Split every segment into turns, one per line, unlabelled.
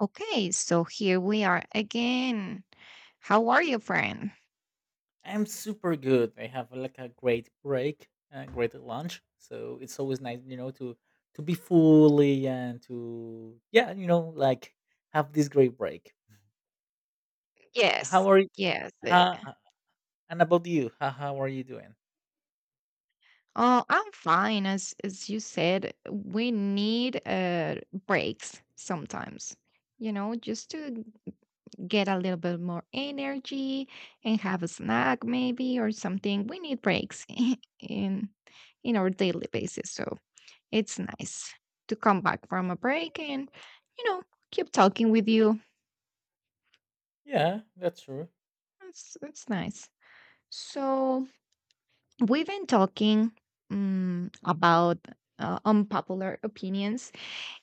Okay, so here we are again. How are you, friend?
I'm super good. I have like a great break, a great lunch. So it's always nice, you know, to be fully and to yeah, you know, like have this great break. How
Yes,
are you?
yes.
How, and about you? How are you doing?
Oh, I'm fine. As you said, we need breaks sometimes. You know, just to get a little bit more energy and have a snack maybe or something. We need breaks in in our daily basis. So it's nice to come back from a break and you know keep talking with you.
Yeah, that's true.
It's nice. So we've been talking about unpopular opinions,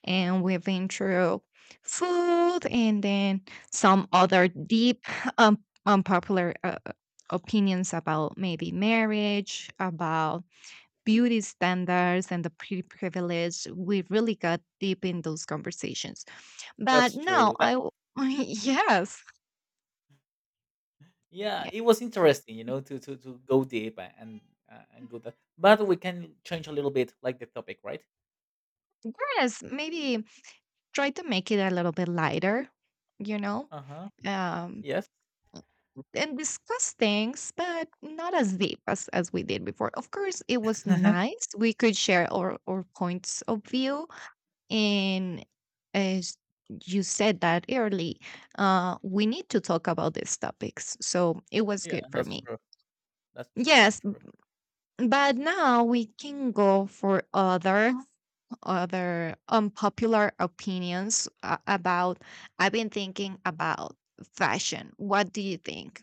and we've been through food, and then some other deep um, unpopular opinions about maybe marriage, about beauty standards, and the pretty privilege. We really got deep in those conversations. But
That's
now
true. That
yes,
yeah,
yeah,
it was interesting, you know, to go deep and go that. But we can change a little bit, like the topic, right?
yes, maybe try to make it a little bit lighter. You know,
Uh huh.
um,
Yes.
and discuss things, but not as deep as we did before. Of course, it was nice. We could share our points of view. And as you said that early, we need to talk about these topics. So it was
yeah,
good for
that's
me.
true. That's true. That's
Yes,
true.
but now we can go for other unpopular opinions about. I've been thinking about fashion. What do you think?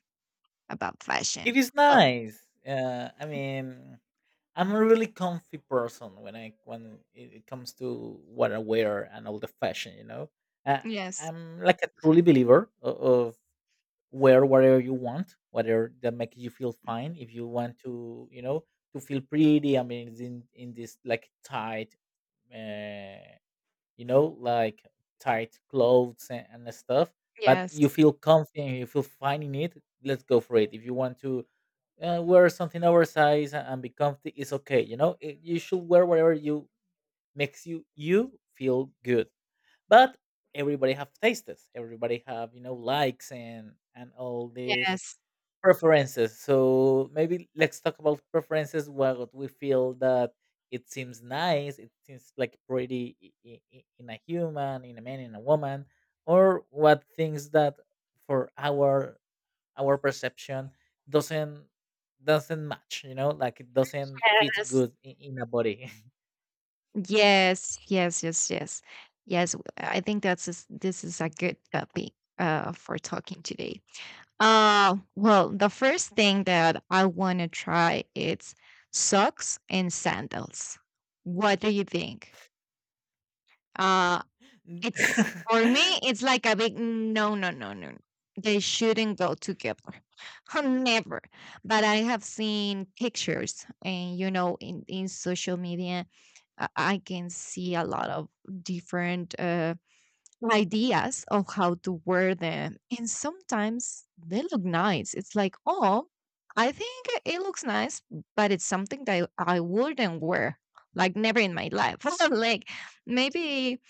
About fashion.
It is
Well.
nice. I mean, I'm a really comfy person when I when it comes to what I wear and all the fashion. You know, uh,
Yes,
I'm like a truly believer of wear whatever you want, whatever that makes you feel fine. If you want to, you know, to feel pretty, I mean, it's in this like tight, uh, you know, like tight clothes and stuff. But
yes,
you feel comfy and you feel fine in it. Let's go for it. If you want to wear something oversized and be comfy is okay. You know, It- you should wear whatever you makes you feel good. But everybody have tastes. Everybody have you know likes and all these
yes,
preferences. So maybe let's talk about preferences. What we feel that it seems nice. It seems like pretty in a human, in a man, in a woman, or what things that for our perception doesn't doesn't match you know like it doesn't fit
yes.
good in a body
Yes, yes, yes, yes. Yes, I think that's is this is a good topic for talking today. Well, the first thing that I want to try is socks and sandals. What do you think? Uh. It's for me, it's like a big "Mm, no, no, no, no. No. They shouldn't go together." Never. But I have seen pictures, and you know, in social media, I can see a lot of different ideas of how to wear them. And sometimes they look nice. It's like, oh, I think it looks nice, but it's something that I wouldn't wear, like never in my life. Like maybe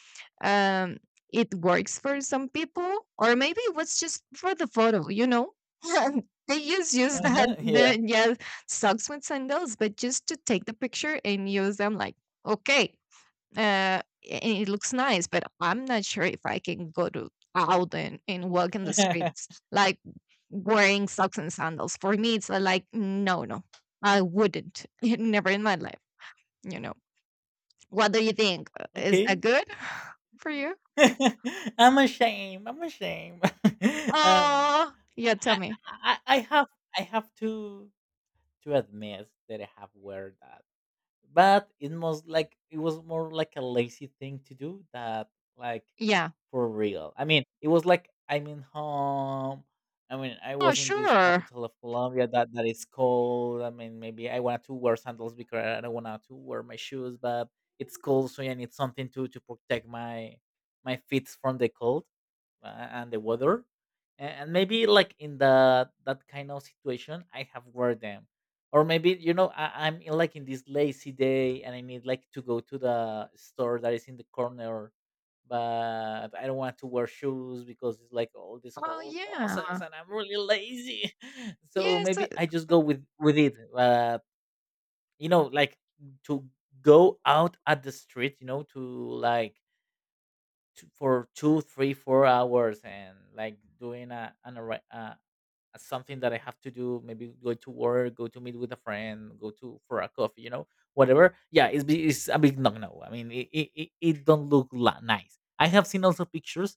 um it works for some people, or maybe it was just for the photo, you know, they just use that
uh-huh, yeah
the, yeah, socks with sandals, but just to take the picture and use them like okay uh and it looks nice, but I'm not sure if I can go to out and walk in the streets like wearing socks and sandals. For me it's like no, no, I wouldn't, never in my life, you know. What do you think? Is
okay
that good for you?
I'm ashamed um
Oh, yeah,
I,
tell
I
me.
I have i have to admit that I have wear that but it was like it was more like a lazy thing to do that like
Yeah.
For real. I mean, it was like I'm in home. I mean, I
Oh,
was in this
sure.
capital of Colombia that is cold. I mean, maybe I wanted to wear sandals because I don't want to wear my shoes, but it's cold, so I need something to protect my my feet from the cold and the weather And maybe like in the that kind of situation I have wear them or maybe you know I'm in, like in this lazy day and I need like to go to the store that is in the corner but I don't want to wear shoes because it's like all this
Oh,
whole
yeah.
process and I'm really lazy so
Yes,
maybe I just go with it you know like to go out at the street you know to like t- for two, three, 4 hours, and like doing a an a something that I have to do, maybe go to work, go to meet with a friend, go to for a coffee, you know, whatever. Yeah, it's a big no no. I mean, it don't look la- nice. I have seen also pictures,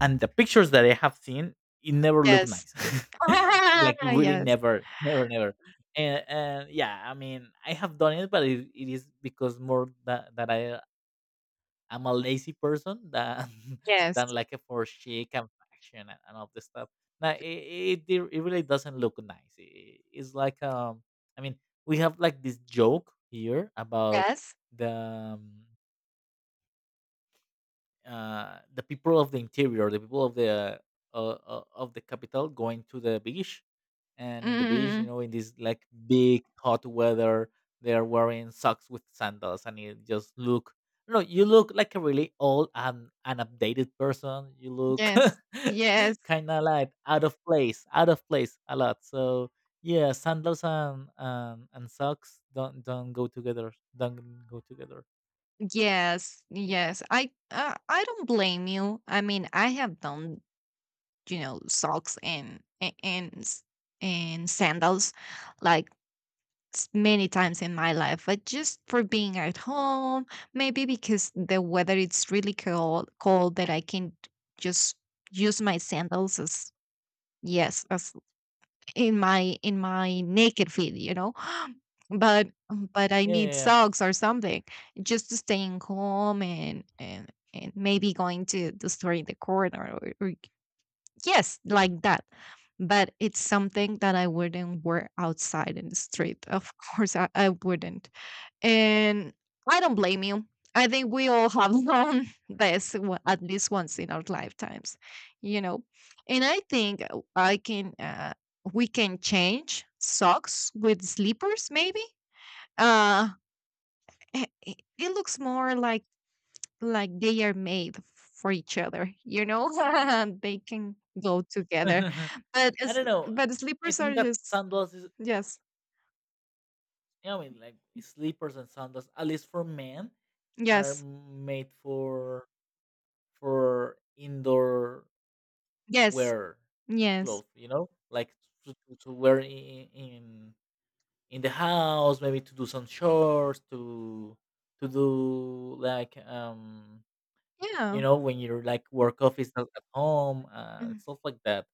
and the pictures that I have seen, it never look
yes.
nice. like really
Yes,
never, never, never. And yeah, I mean, I have done it, but it is because more that I I'm a lazy person than than
yes,
like a for chic and fashion and all this stuff. Now it really doesn't look nice. It's like I mean, we have like this joke here about
yes.
the um, the people of the interior, the people of the capital, going to the beach, and in the beach, you
Mm,
know, in this like big hot weather, they are wearing socks with sandals, and you just look. No, you look like a really old and an updated person. You look
yes, yes,
kind of like out of place a lot. So yeah, sandals and and socks don't go together. Don't go together.
yes, yes. I don't blame you. I mean, I have done, you know, socks and and sandals like many times in my life, but just for being at home, maybe because the weather it's really cold, cold that I can just use my sandals as yes, as in my naked feet, you know. But I need
Yeah.
socks or something just to staying home and maybe going to the store in the corner, or yes, like that. But it's something that I wouldn't wear outside in the street. Of course, I wouldn't. And I don't blame you. I think we all have known this at least once in our lifetimes, you know. And I think we can change socks with slippers, maybe. Uh, it looks more like they are made for each other, you know. They can go together, but
I
as
don't know.
but
I
slippers
think
are
that
just
sandals is,
yes,
I mean, like slippers and sandals, at least for men, are
yes,
made for indoor
yes,
wear
yes,
clothes. You know, like to, to wear in in the house, maybe to do some chores, to do like you
yeah.
know, when your like work off is not at home, stuff like that.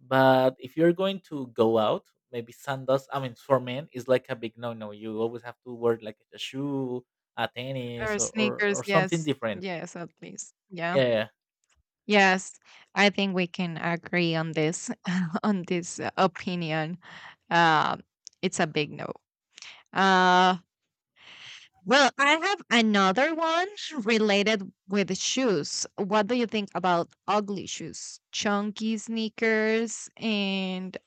But if you're going to go out, maybe sandals. I mean, for men, is like a big no-no. You always have to wear like a shoe, a tennis,
Or
or or
sneakers,
something
yes.
different.
Yes, at least. Yeah.
Yeah,
Yes, I think we can agree on this on this opinion. Uh, it's a big no. Uh, well, I have another one related with the shoes. What do you think about ugly shoes? Chunky sneakers and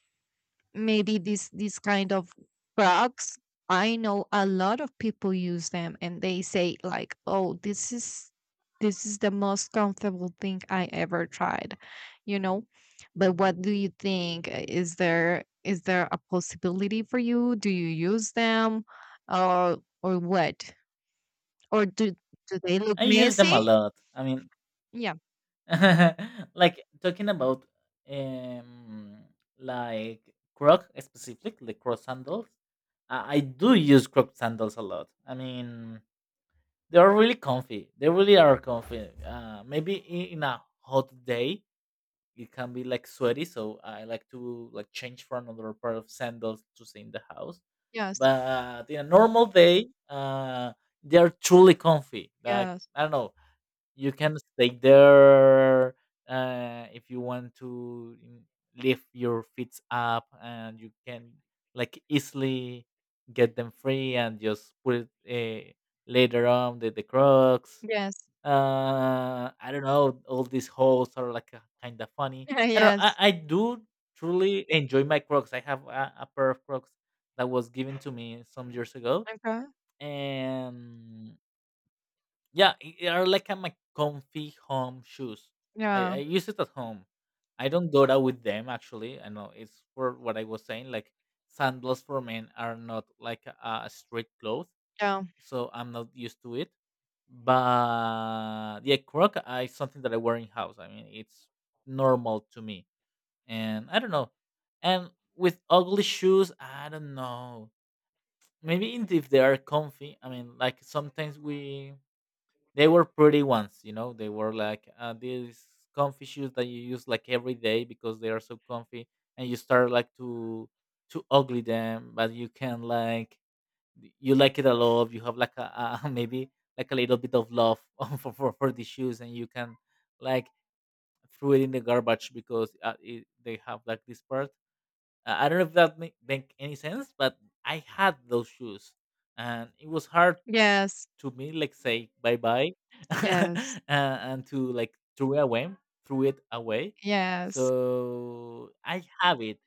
maybe this kind of products. I know a lot of people use them and they say like, oh, this is the most comfortable thing I ever tried, you know. But what do you think? Is there a possibility for you? Do you use them, or or what, or do they look
I use them
messy?
a lot. I mean,
Yeah,
like talking about um like Croc specific, the Croc sandals. I do use Croc sandals a lot. I mean, they're really comfy. They really are comfy. Maybe in a hot day it can be like sweaty, so I like to like change for another pair of sandals to stay in the house.
yes,
But in a normal day, they're truly comfy. Like
yes,
I don't know, you can stay there if you want to lift your feet up and you can like easily get them free and just put it later on the crocs
yes.
I don't know all these holes are like kind of funny I don't I,
Yes,
I do truly enjoy my crocs I have a pair of crocs that was given to me some years ago
okay,
and yeah, are like a my comfy home shoes. I,
yeah,
I use it at home. I don't go out with them actually. I know it's for what I was saying. Like sandals for men are not like a street cloth,
yeah.
so I'm not used to it. But yeah, croc is something that I wear in house. I mean, it's normal to me, and I don't know. And with ugly shoes, I don't know. Maybe in- if they are comfy. I mean, like sometimes we they were pretty ones you know they were like these comfy shoes that you use like every day because they are so comfy and you start like to ugly them but you can like you like it a lot you have like a maybe like a little bit of love for for the shoes and you can like throw it in the garbage because it, they have like this part I don't know if that make any sense but I had those shoes and it was hard
Yes.
to me like say bye bye
Yes.
and to like threw it away
Yes.
so I have it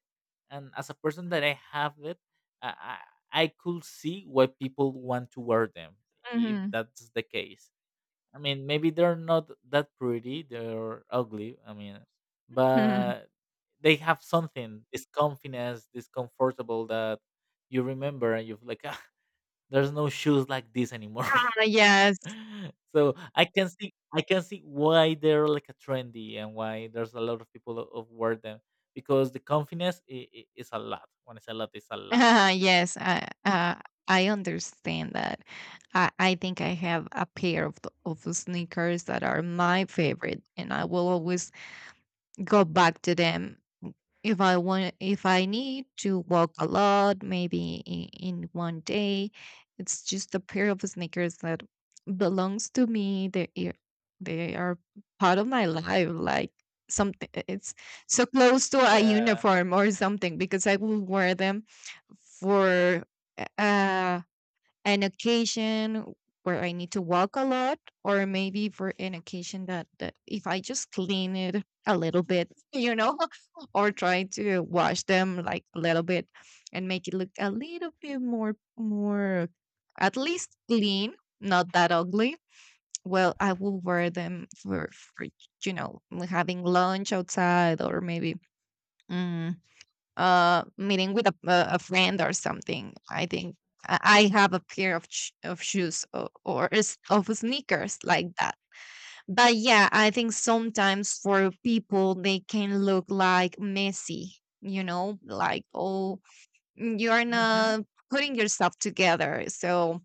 and as a person that I have it i I could see why people want to wear them if
Mhm.
that's the case I mean maybe they're not that pretty they're ugly I mean
Mhm.
but they have something this confidence this comfortable that you remember and you're like ah, there's no shoes like this anymore
Ah, yes.
So I can see why they're like a trendy and why there's a lot of people of wear them because the confidence is a lot. When I say a lot, it's a lot.
Yes, I understand that. I think I have a pair of the sneakers that are my favorite, and I will always go back to them if I want, if I need to walk a lot, maybe in one day, it's just a pair of sneakers that belongs to me. They are part of my life. Like something, it's so close to a
Yeah.
uniform or something, because I will wear them for uh an occasion where I need to walk a lot, or maybe for an occasion that, that if I just clean it a little bit, you know, or try to wash them like a little bit and make it look a little bit more at least clean, not that ugly. Well, I will wear them for, you know, having lunch outside, or maybe. mm, Meeting with a friend or something. I think I have a pair of shoes, or, of sneakers like that. But yeah, I think sometimes for people they can look like messy. You know, like, oh, you're
hmm
not putting yourself together. So,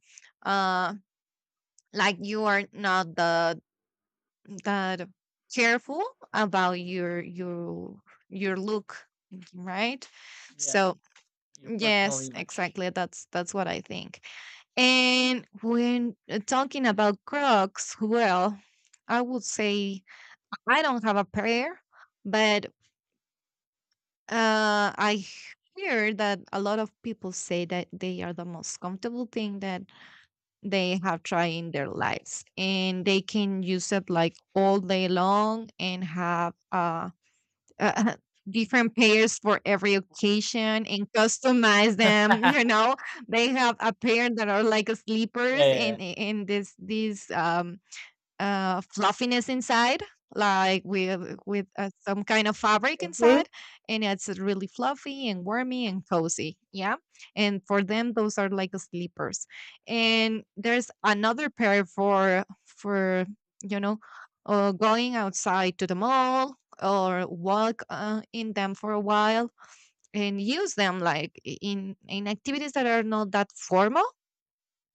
uh, like you are not the that careful about your look, right?
Yeah.
So
Your personal
yes,
image.
exactly. That's what I think. And when talking about Crocs, well, I would say I don't have a pair, but I hear that a lot of people say that they are the most comfortable thing that they have tried in their lives, and they can use it like all day long and have uh, different pairs for every occasion and customize them. You know, they have a pair that are like a
yeah,
sleepers
yeah, yeah.
and this these fluffiness inside, like with some kind of fabric inside, and it's really fluffy and warmy and cozy. Yeah, and for them, those are like sleepers. And there's another pair for you know, going outside to the mall or walk in them for a while and use them like in activities that are not that formal.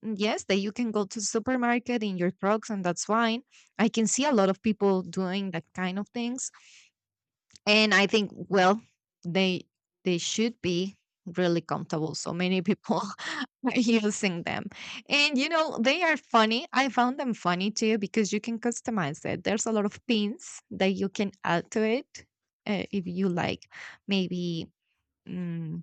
Mm, yes, that you can go to supermarket in your trucks and that's fine. I can see a lot of people doing that kind of things. And I think, well, they they should be really comfortable. So many people are using them. And you know, they are funny. I found them funny too because you can customize it. There's a lot of pins that you can add to it if you like maybe mm,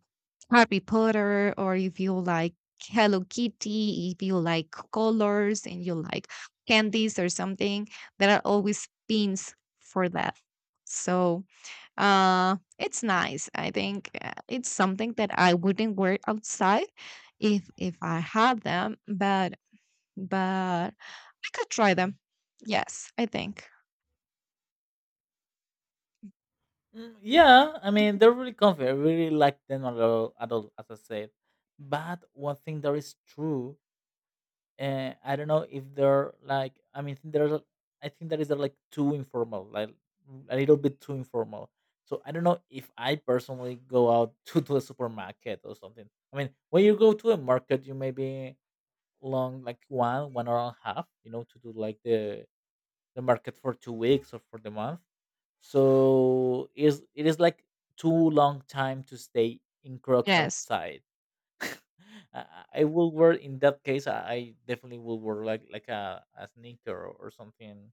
Harry Potter, or if you like Hello Kitty, if you like colors and you like candies or something, there are always pins for that. So it's nice. I think it's something that I wouldn't wear outside if I had them, but I could try them. Yes, I think.
Mm, yeah, I mean, they're really confident. I really like them a lot, as I said. But one thing that is true I don't know if they're like I mean there's a- I think that is like too informal, like a little bit too informal. So I don't know if I personally go out to a supermarket or something. I mean, when you go to a market, you maybe long like one or a half, you know, to do like the market for 2 weeks or for the month. So is it is like too long time to stay in Crocs
Yes,
outside I will wear in that case. I definitely will wear like a sneaker or, something.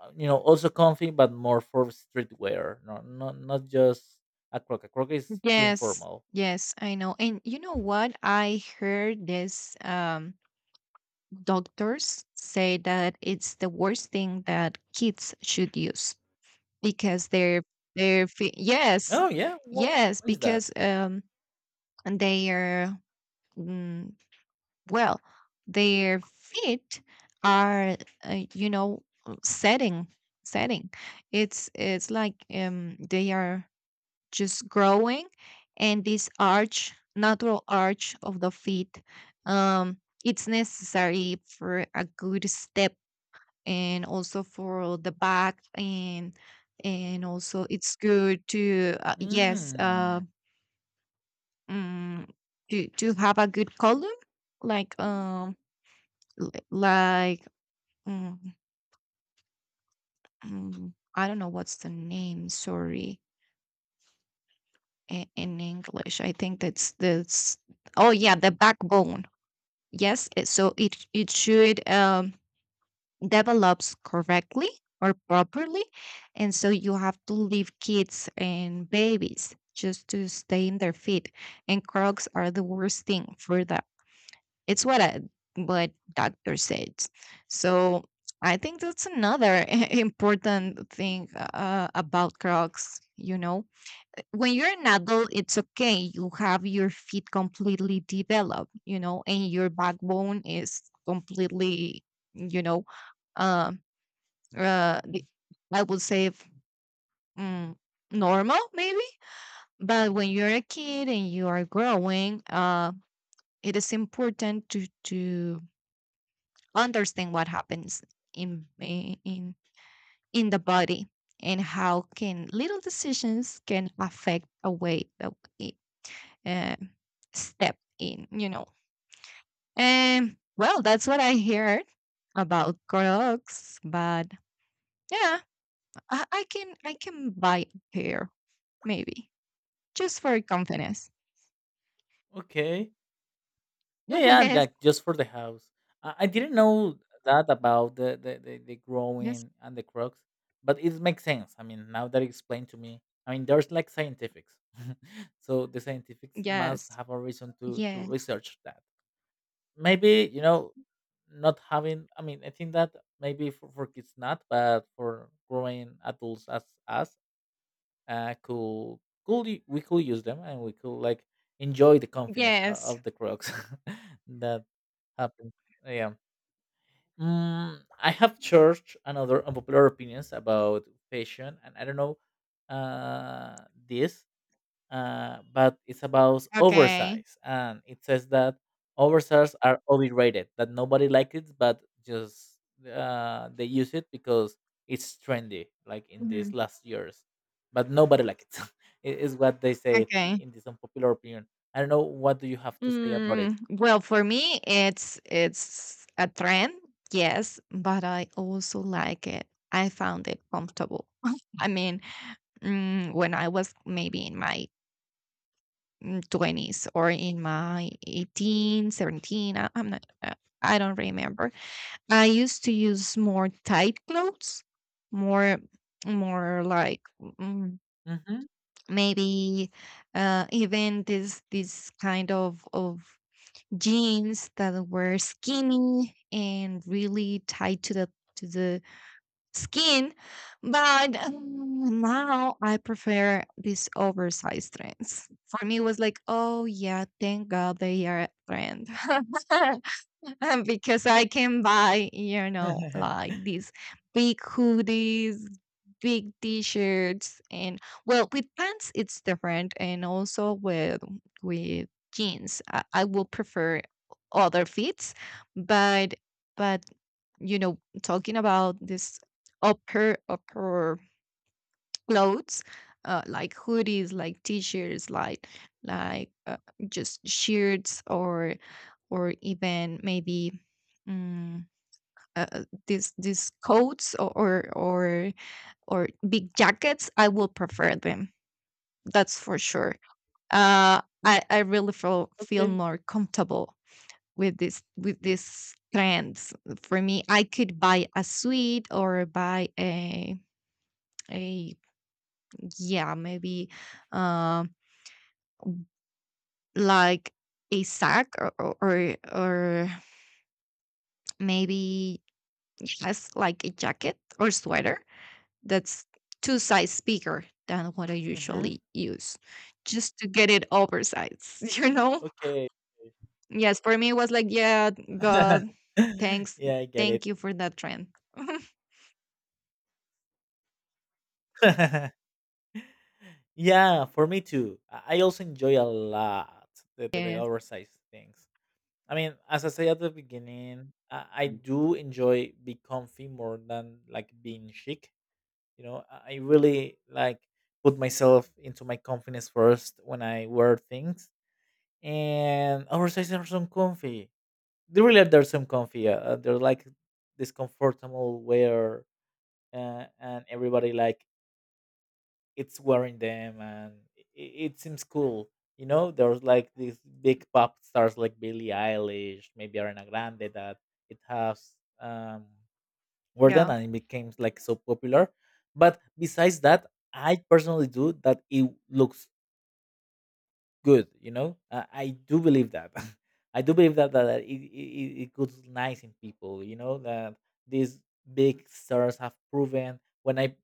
You know, also comfy, but more for streetwear. No, not not just a croc. A croc is too
yes,
informal.
yes. I know. And you know what? I heard this. Doctors say that it's the worst thing that kids should use, because they're yes,
Oh yeah,
yes,
what is that?
because and they are, mm, well, their feet are you know setting it's like they are just growing, and this arch, natural arch of the feet, um it's necessary for a good step, and also for the back. And also it's good to yes
Mm,
mm, to have a good color, like l- like mm, I don't know what's the name, sorry, in English. I think that's oh yeah the backbone, yes, so it should develops correctly or properly. And so you have to leave kids and babies just to stay in their feet. And Crocs are the worst thing for that. It's what I, what doctor says. So I think that's another important thing about Crocs. You know, when you're an adult, it's okay. You have your feet completely developed, you know, and your backbone is completely, you know, um uh, the- I would say mm, normal maybe. But when you're a kid and you are growing, it is important to understand what happens in I- in the body, and how can little decisions can affect the way that we uh, step in. You know, and well, that's what I heard about Crocs, but yeah, I can buy a pair maybe. Just for confidence.
okay. Yeah, yeah,
Yes,
like just for the house. I didn't know that about the
yes,
growing and the crocs, but it makes sense. I mean, now that you explained to me, I mean, there's like scientifics. so the scientifics must
yes,
have a reason to
yes,
research that. Maybe, you know, not having, I mean, I think that maybe for kids not, but for growing adults as us, uh, could could we could use them and we could like enjoy the confidence
yes.
of the Crocs that happens. Yeah. Mm, I have church and other unpopular opinions about fashion, and I don't know this but it's about
Okay.
oversize, and it says that oversize are overrated, that nobody likes it, but just they use it because it's trendy, like in these
Mhm.
last years. But nobody likes it. It is what they say
Okay.
in this unpopular opinion. I don't know what do you have to say about it.
Mm, well, for me, it's a trend, yes, but I also like it. I found it comfortable. I mean, when I was maybe in my 20s or in my 18, 17, I don't remember. I used to use more tight clothes, more more like mm,
Hmm.
maybe uh, even this kind of jeans that were skinny and really tight to the skin. But now I prefer these oversized trends. For me, it was like, oh yeah, thank God they are a trend. Because I can buy, you know, like these big hoodies, big t-shirts and, well, with pants it's different and also with jeans. I will prefer other fits, but but you know, talking about this upper clothes, like hoodies, like t-shirts, like just shirts, or even maybe, mm, these coats, or big jackets, I will prefer them. That's for sure. I really feel
Okay.
more comfortable with this with these trends. For me, I could buy a suit or buy a yeah maybe um like a sack, or maybe yes, like a jacket or sweater that's two size bigger than what I
Hmm.
usually use, just to get it oversized. You know?
Okay.
Yes, for me it was like, yeah, God, thanks,
Yeah, I get it.
thank you for that trend.
Yeah, for me too. I also enjoy a lot the
Yes,
oversized things. I mean, as I say at the beginning, I do enjoy be comfy more than like being chic. You know, I really like put myself into my confidence first when I wear things. And oversized are some comfy. They really are, they're some comfy. They're like this comfortable wear, and everybody like it's wearing them, and it seems cool. You know, there's like these big pop stars like Billie Eilish, maybe Ariana Grande, that it has um, wore them
yeah,
and it became like so popular. But besides that, I personally do that it looks good, you know. I do believe that I do believe that it goes nice in people, you know, that these big stars have proven when I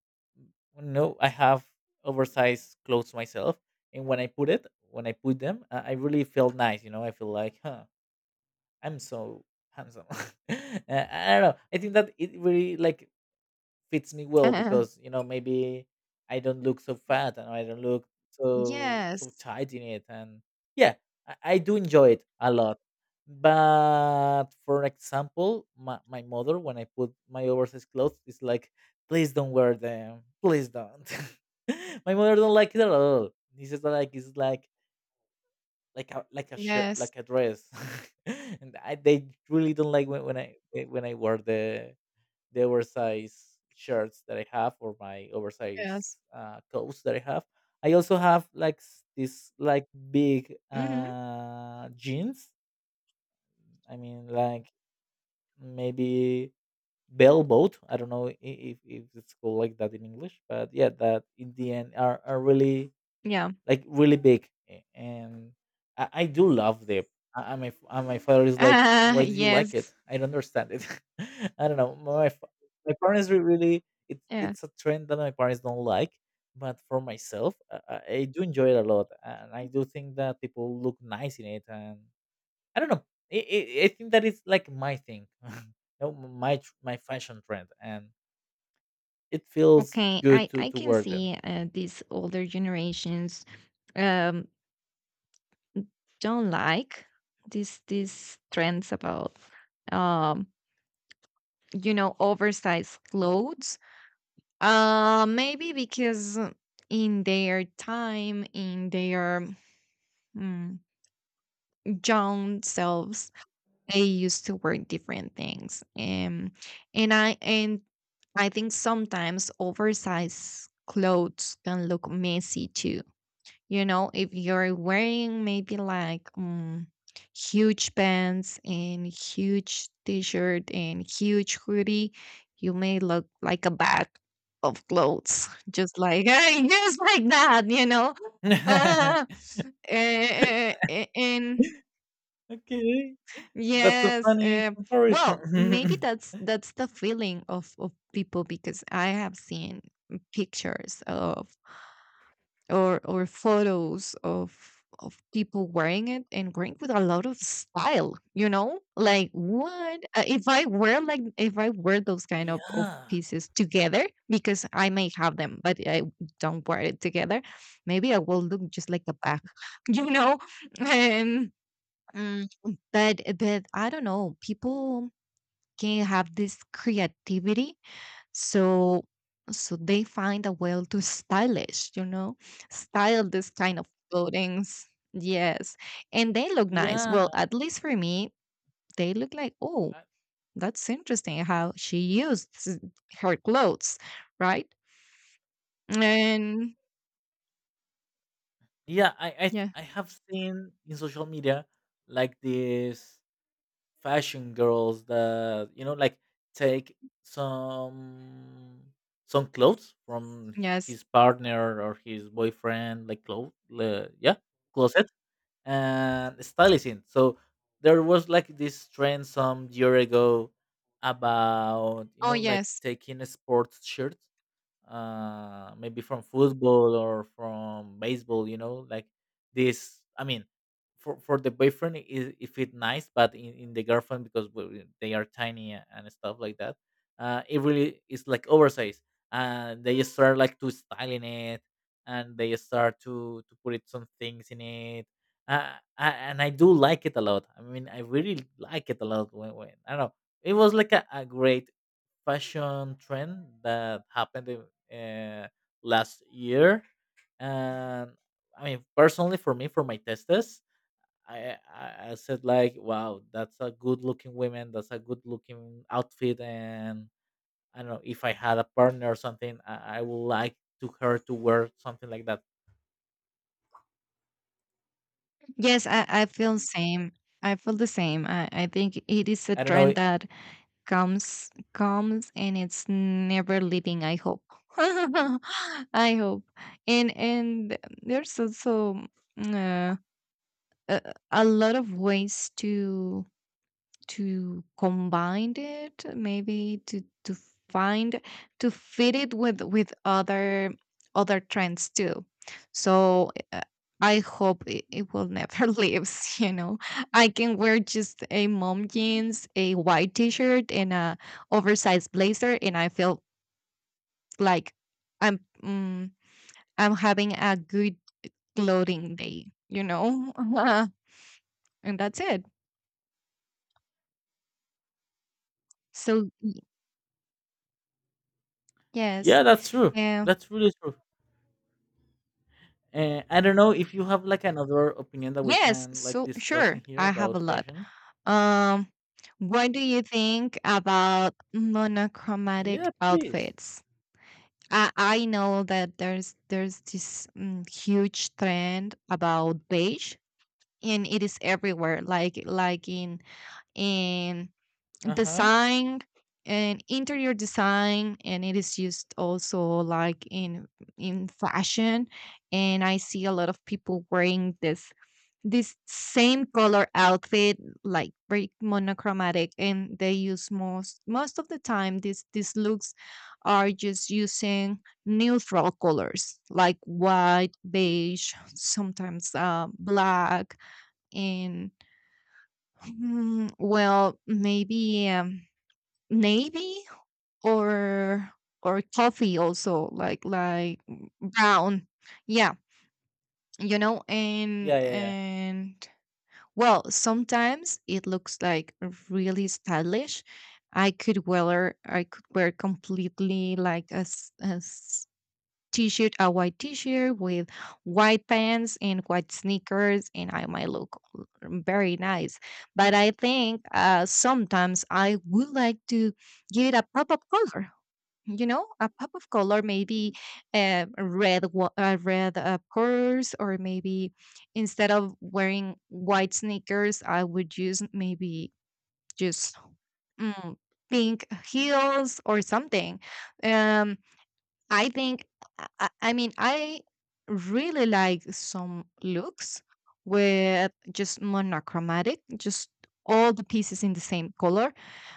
no I have oversized clothes myself, and when I put them, I really feel nice, you know. I feel like, huh, I'm so handsome. I don't know. I think that it really like fits me well because, you know, maybe I don't look so fat, and I don't look so
yes,
tight in it. And yeah, I do enjoy it a lot. But for example, my mother, when I put my oversized clothes, is like, please don't wear them, please don't. My mother don't like it at all. This is like, it's like a, like a shirt,
yes,
like a dress. And they really don't like when, when I wear the oversized shirts that I have, or my oversized
yes.
coats that I have. I also have like this like big
Hmm.
jeans. I mean, like maybe bellboat. I don't know if it's called like that in English, but yeah, that in the end are really
Yeah.
like really big, and I do love them. I my f- and My father is like, why do you like it?
Yes.
I don't understand it. I don't know. My parents really
Yeah.
it's a trend that my parents don't like, but for myself, I do enjoy it a lot, and I do think that people look nice in it. And I don't know. I think that it's like my thing, no, my fashion trend, and it feels
Okay,
good to
I can
wear them.
see these older generations um, don't like these trends about, um, you know, oversized clothes. Maybe because in their time, in their mm, young selves, they used to wear different things, and and I and I think sometimes oversized clothes can look messy too. You know, if you're wearing maybe like, huge pants and huge t-shirt and huge hoodie, you may look like a bag of clothes, just like, just like that, you know. Uh, and
Okay. That's a
yes,
funny
well, maybe
comparison.
that's the feeling of people, because I have seen pictures of, or photos of people wearing it, and wearing with a lot of style, you know, like what. Uh, if I wear, like if I wear those kind of
Yeah.
pieces together, because I may have them but I don't wear it together, maybe I will look just like a bag. You know? And, mm, but I don't know, people can have this creativity, so they find a way to stylish, you know, style this kind of clothings. Yes, and they look nice,
Yeah,
well, at least for me they look like, oh,
I,
that's interesting how she used s- her clothes, right? And yeah,
I have seen in social media like these fashion girls that, you know, like take some some clothes from
yes,
his partner or his boyfriend, like clothes, yeah, closet, and styling. So there was like this trend some year ago about, you
oh
know, like
yes,
taking a sports shirt, maybe from football or from baseball, you know, like this. I mean, for the boyfriend is if it nice, but in the girlfriend, because they are tiny and stuff like that, it really is like oversized, and they start like to styling it, and they start to put it some things in it. I do like it a lot, I mean I really like it a lot when I don't know, it was like a great fashion trend that happened in, uh, last year. And I mean, personally, for me, for my testes, I said like, wow, that's a good looking woman. That's a good looking outfit. And I don't know, if I had a partner or something, I would like to her to wear something like that.
yes, I feel same, I feel the same. I think it is a
I don't know.
trend that comes and it's never leaving, I hope. I hope. And there's also, uh, a, a lot of ways to combine it, maybe to find, to fit it with other trends too. So, I hope it, it will never lives, you know. I can wear just a mom jeans, a white t-shirt and a oversized blazer, and I feel like I'm, I'm having a good clothing day, you know. And that's it. So yes.
Yeah, that's true. That's really true. I don't know if you have like another opinion that we
Yes,
can like
so
discuss in
sure,
here
I have a
about
lot.
fashion.
Um, what do you think about monochromatic
Yeah, please.
outfits? I know that there's this, huge trend about beige, and it is everywhere. Like in in
Uh huh.
design and interior design, and it is used also like in fashion. And I see a lot of people wearing this same color outfit, like very monochromatic. And they use, most of the time these looks are just using neutral colors like white, beige, sometimes, black, and, well maybe, navy, or coffee, also like, brown, yeah, you know.
Yeah,
And
yeah, yeah.
well sometimes it looks like really stylish. I could wear, I could wear completely like a, a t-shirt, a white t-shirt with white pants and white sneakers, and I might look very nice. But I think, sometimes I would like to give it a pop of color, you know, a pop of color, maybe, red purse. Or maybe instead of wearing white sneakers, I would use maybe just, mm, pink heels or something. um I think, I really like some looks with just monochromatic, just all the pieces in the same color.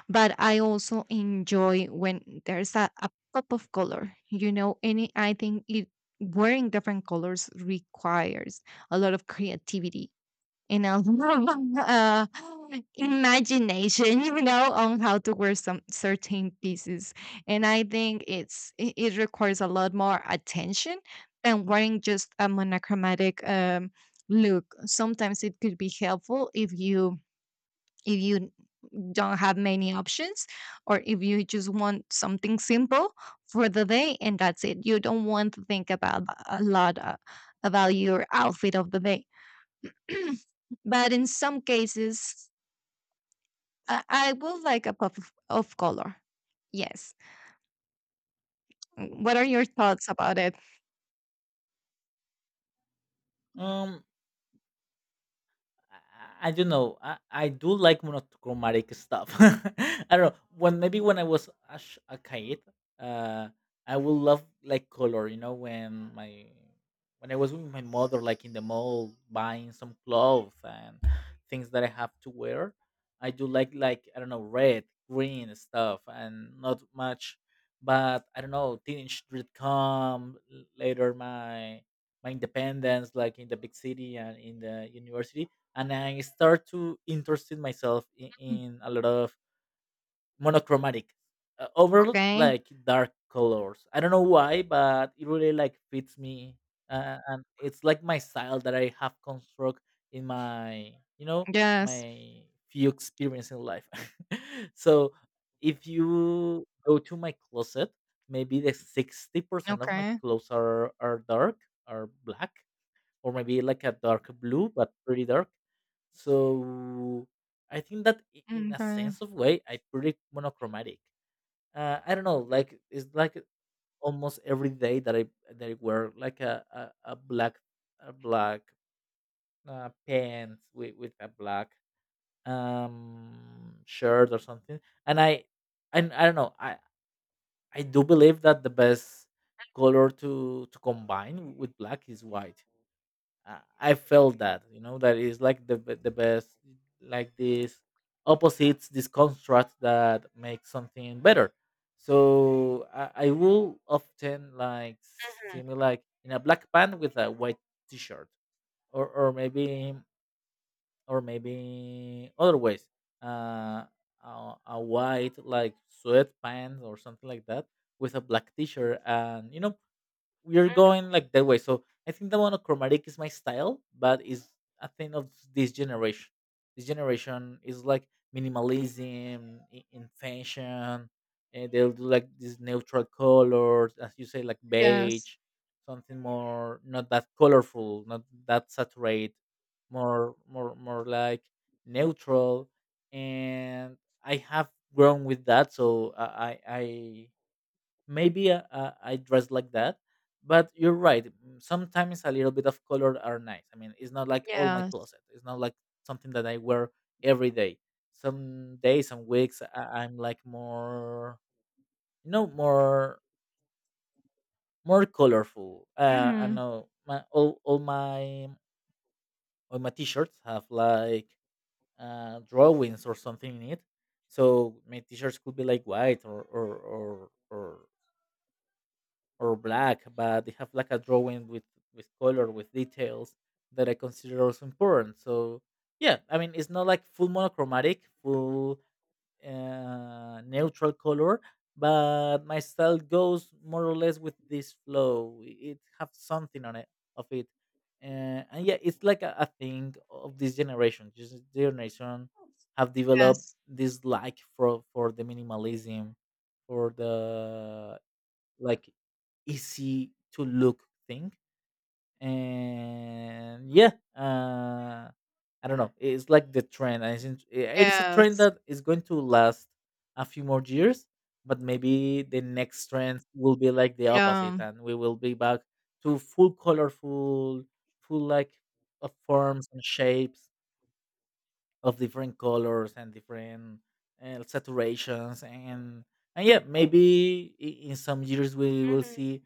But I also enjoy when there's a pop of color. You know, any, I think it, wearing different colors requires a lot of creativity, and a lot of, imagination. You know, on how to wear some certain pieces. And I think it's it, it requires a lot more attention than wearing just a monochromatic, look. Sometimes it could be helpful if you, if you don't have many options, or if you just want something simple for the day and that's it. You don't want to think about a lot, about your outfit of the day. But in some cases, I will like a pop of color. Yes. Mm, what are your thoughts about it?
Um, I, I don't know. I do like monochromatic stuff. I don't know. When maybe when I was a kid, uh, I would love like color. You know, when I was with my mother, like in the mall, buying some clothes and things that I have to wear, I do like, I don't know, red, green stuff, and not much. But I don't know. Teenage did come later. My independence, like in the big city and in the university, and I start to interested myself
Mm.
in a lot of monochromatic, over
Okay.
like dark colors. I don't know why, but it really like fits me, and it's like my style that I have construct in my, you know,
Yes.
my few experience in life. So if you go to my closet, maybe the 60% of my
Okay.
clothes are dark, are black, or maybe like a dark blue, but pretty dark. So I think that in a
Okay.
sense of way, I pretty monochromatic. I don't know, like it's like almost every day that I wear like a black pants with a black shirt or something, and I and I don't know, I do believe that the best color to combine with black is white. I felt that, you know, that is like the best, like these opposites, this construct that makes something better. So I will often like see me like in a black pant with a white t-shirt, or maybe other ways, uh, a white like sweatpants or something like that with a black t-shirt, and you know, we're going like that way. So I think the monochromatic is my style, but is a thing of this generation. This generation is like minimalism in fashion, and they'll do like these neutral colors, as you say, like
Yes.
beige, something more not that colorful, not that saturated, more like neutral. And I have grown with that, so I maybe I dress like that. But you're right. Sometimes a little bit of color are nice. I mean, it's not like all my
Yes.
closet. It's not like something that I wear every day. Some days, some weeks, I'm like more, you know, more colorful. I
Hmm.
know my all my t-shirts have like drawings or something in it. So my t-shirts could be like white or black, but they have like a drawing with color with details that I consider also important. So yeah, I mean, it's not like full monochromatic, full neutral color, but my style goes more or less with this flow. It have something on it of it, uh, and yeah, it's like a thing of this generation. This generation have developed
Yes.
this like for the minimalism, for the like easy to look thing. And yeah, uh I don't know, it's like the trend I think. Yeah, it is a trend
Yes.
that is going to last a few more years, but maybe the next trend will be like the opposite,
Yeah.
and we will be back to full colorful, full like of forms and shapes of different colors and different saturations. And yeah, maybe in some years we will
Mhm.
see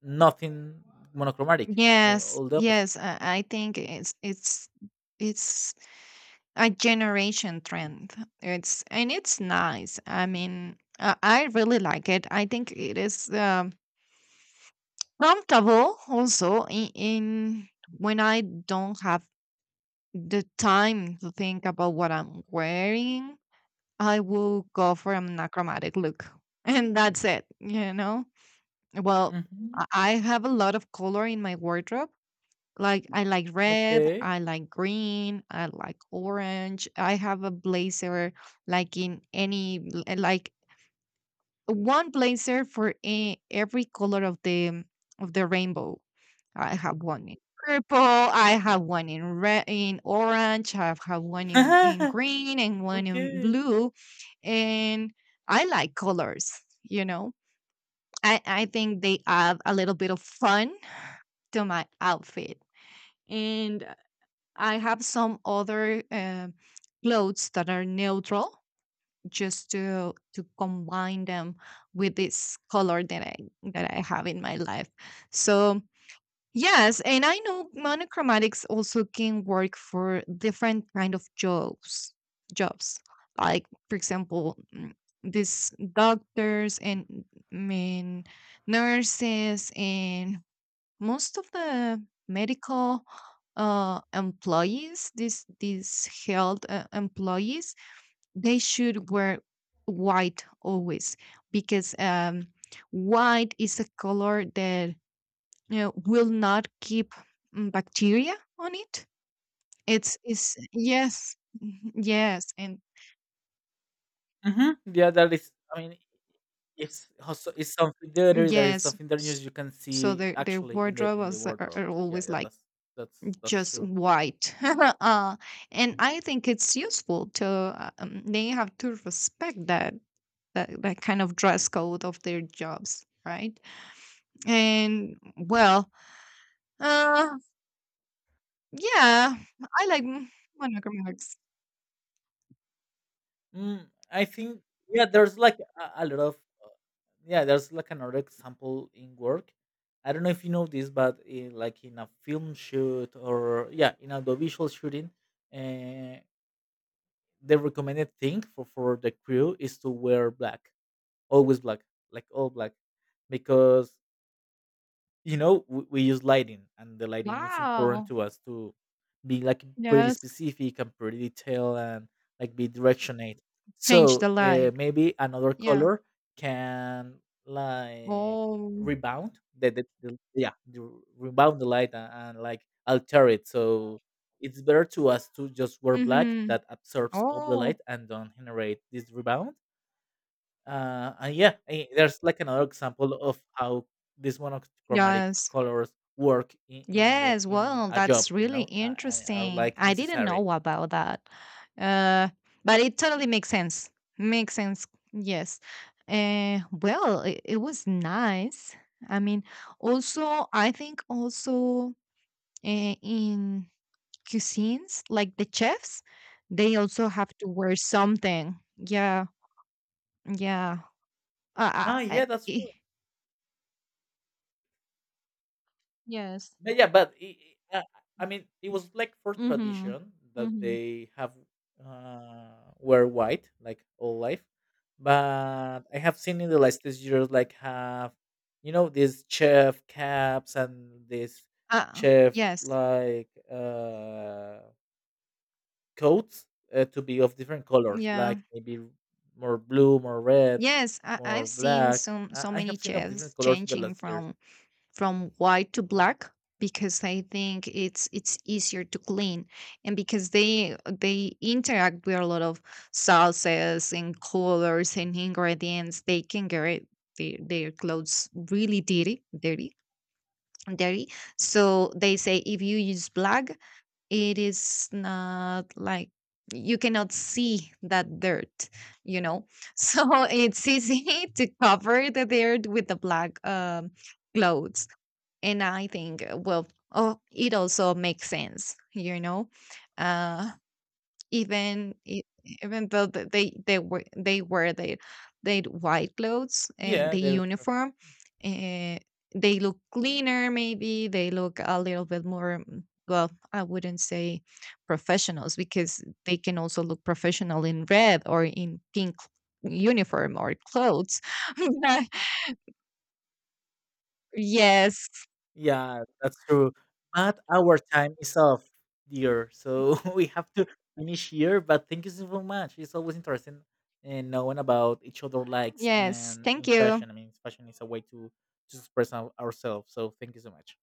nothing monochromatic, eh,
Yes,
all the opposite.
yes, I think it's a generation trend. It's, and it's nice. I mean, I really like it. I think it is, comfortable also in when I don't have the time to think about what I'm wearing. I will go for an achromatic look, and that's it. You know. Well,
Mhm.
I have a lot of color in my wardrobe. Like, I like red,
Okay.
I like green, I like orange. I have a blazer like in any like one blazer for every color of the rainbow. I have one in purple, I have one in red, in orange, I have one in green and one in
Okay.
blue. And I like colors, you know. I think they add a little bit of fun to my outfit. And I have some other clothes that are neutral, just to combine them with this color that I have in my life. So yes. And I know monochromatics also can work for different kind of jobs. Like for example, these doctors, and, mm, nurses, and most of the medical, employees, these health, employees, they should wear white always, because, white is a color that, you know, will not keep, bacteria on it. It's is, yes, mhm, yes, and
Mhm. Yeah, that is, I mean, it's also it's something, there is
yes.
something that just you can
So
see
their
actually in the
wardrobes
wardrobe.
are
Yeah,
always
yeah,
like
that's
just
true.
white. And I think it's useful to, they have to respect that, that kind of dress code of their jobs, right? And well, uh yeah, I like monochromatic.
Mm, I think yeah, there's like a lot of uh, yeah, there's like another example in work. I don't know if you know this, but in, like in a film shoot, or yeah, in a visual shooting, uh, the recommended thing for the crew is to wear black, always black, like all black, because, you know, we use lighting, and the lighting is important
Wow.
to us to be like pretty
Yes,
specific and pretty detailed and like be directionate.
change
So
the light.
maybe another
Yeah.
color can like
Oh.
rebound rebound the light, and like alter it. So it's better to us to just wear black
Mm-hmm.
that absorbs all the
Oh.
light and don't generate this rebound. And yeah, there's like another example of how these monochromatic
Yes.
colors work in the
Yes,
in
well,
a job,
that's
you
really
know, and are
interesting.
like
I didn't
necessary.
know about that. Uh, but it totally makes sense. Makes sense. Yes. Well, it, it was nice. I mean, also, I think also, in cuisines, like the chefs, they also have to wear something. Yeah. Yeah. Uh, uh,
Ah, yeah, that's true.
I- yes.
But yeah, but I uh, I mean, it was like for
Mm-hmm.
tradition that
Mm-hmm.
they have were white like all life, but I have seen in the last these years like have, you know, these chef caps and this
Uh,
chef
yes.
like coats, to be of different colors,
Yeah.
like maybe more blue, more red,
Yes, I,
more
I've seen
black.
some so
I have
many
seen of different
chefs
colors in the
changing
last years.
from white to black, because I think it's easier to clean, and because they interact with a lot of sauces and colors and ingredients, they can get their clothes really dirty, dirty, dirty. So they say if you use black, it is not like, you cannot see that dirt, you know. So it's easy to cover the dirt with the black, clothes. And I think, well, oh, it also makes sense, you know. uh even even though they were they wear their white clothes and
Yeah,
the
they're true.
uniform, uh, they look cleaner, maybe they look a little bit more, well, I wouldn't say professionals, because they can also look professional in red or in pink uniform or clothes. Yes.
Yeah, that's true. But our time is off, dear. So we have to finish here. But thank you so much. It's always interesting and knowing about each other likes
Yes,
and
thank
in
you.
fashion. I mean, fashion is a way to express ourselves. So thank you so much.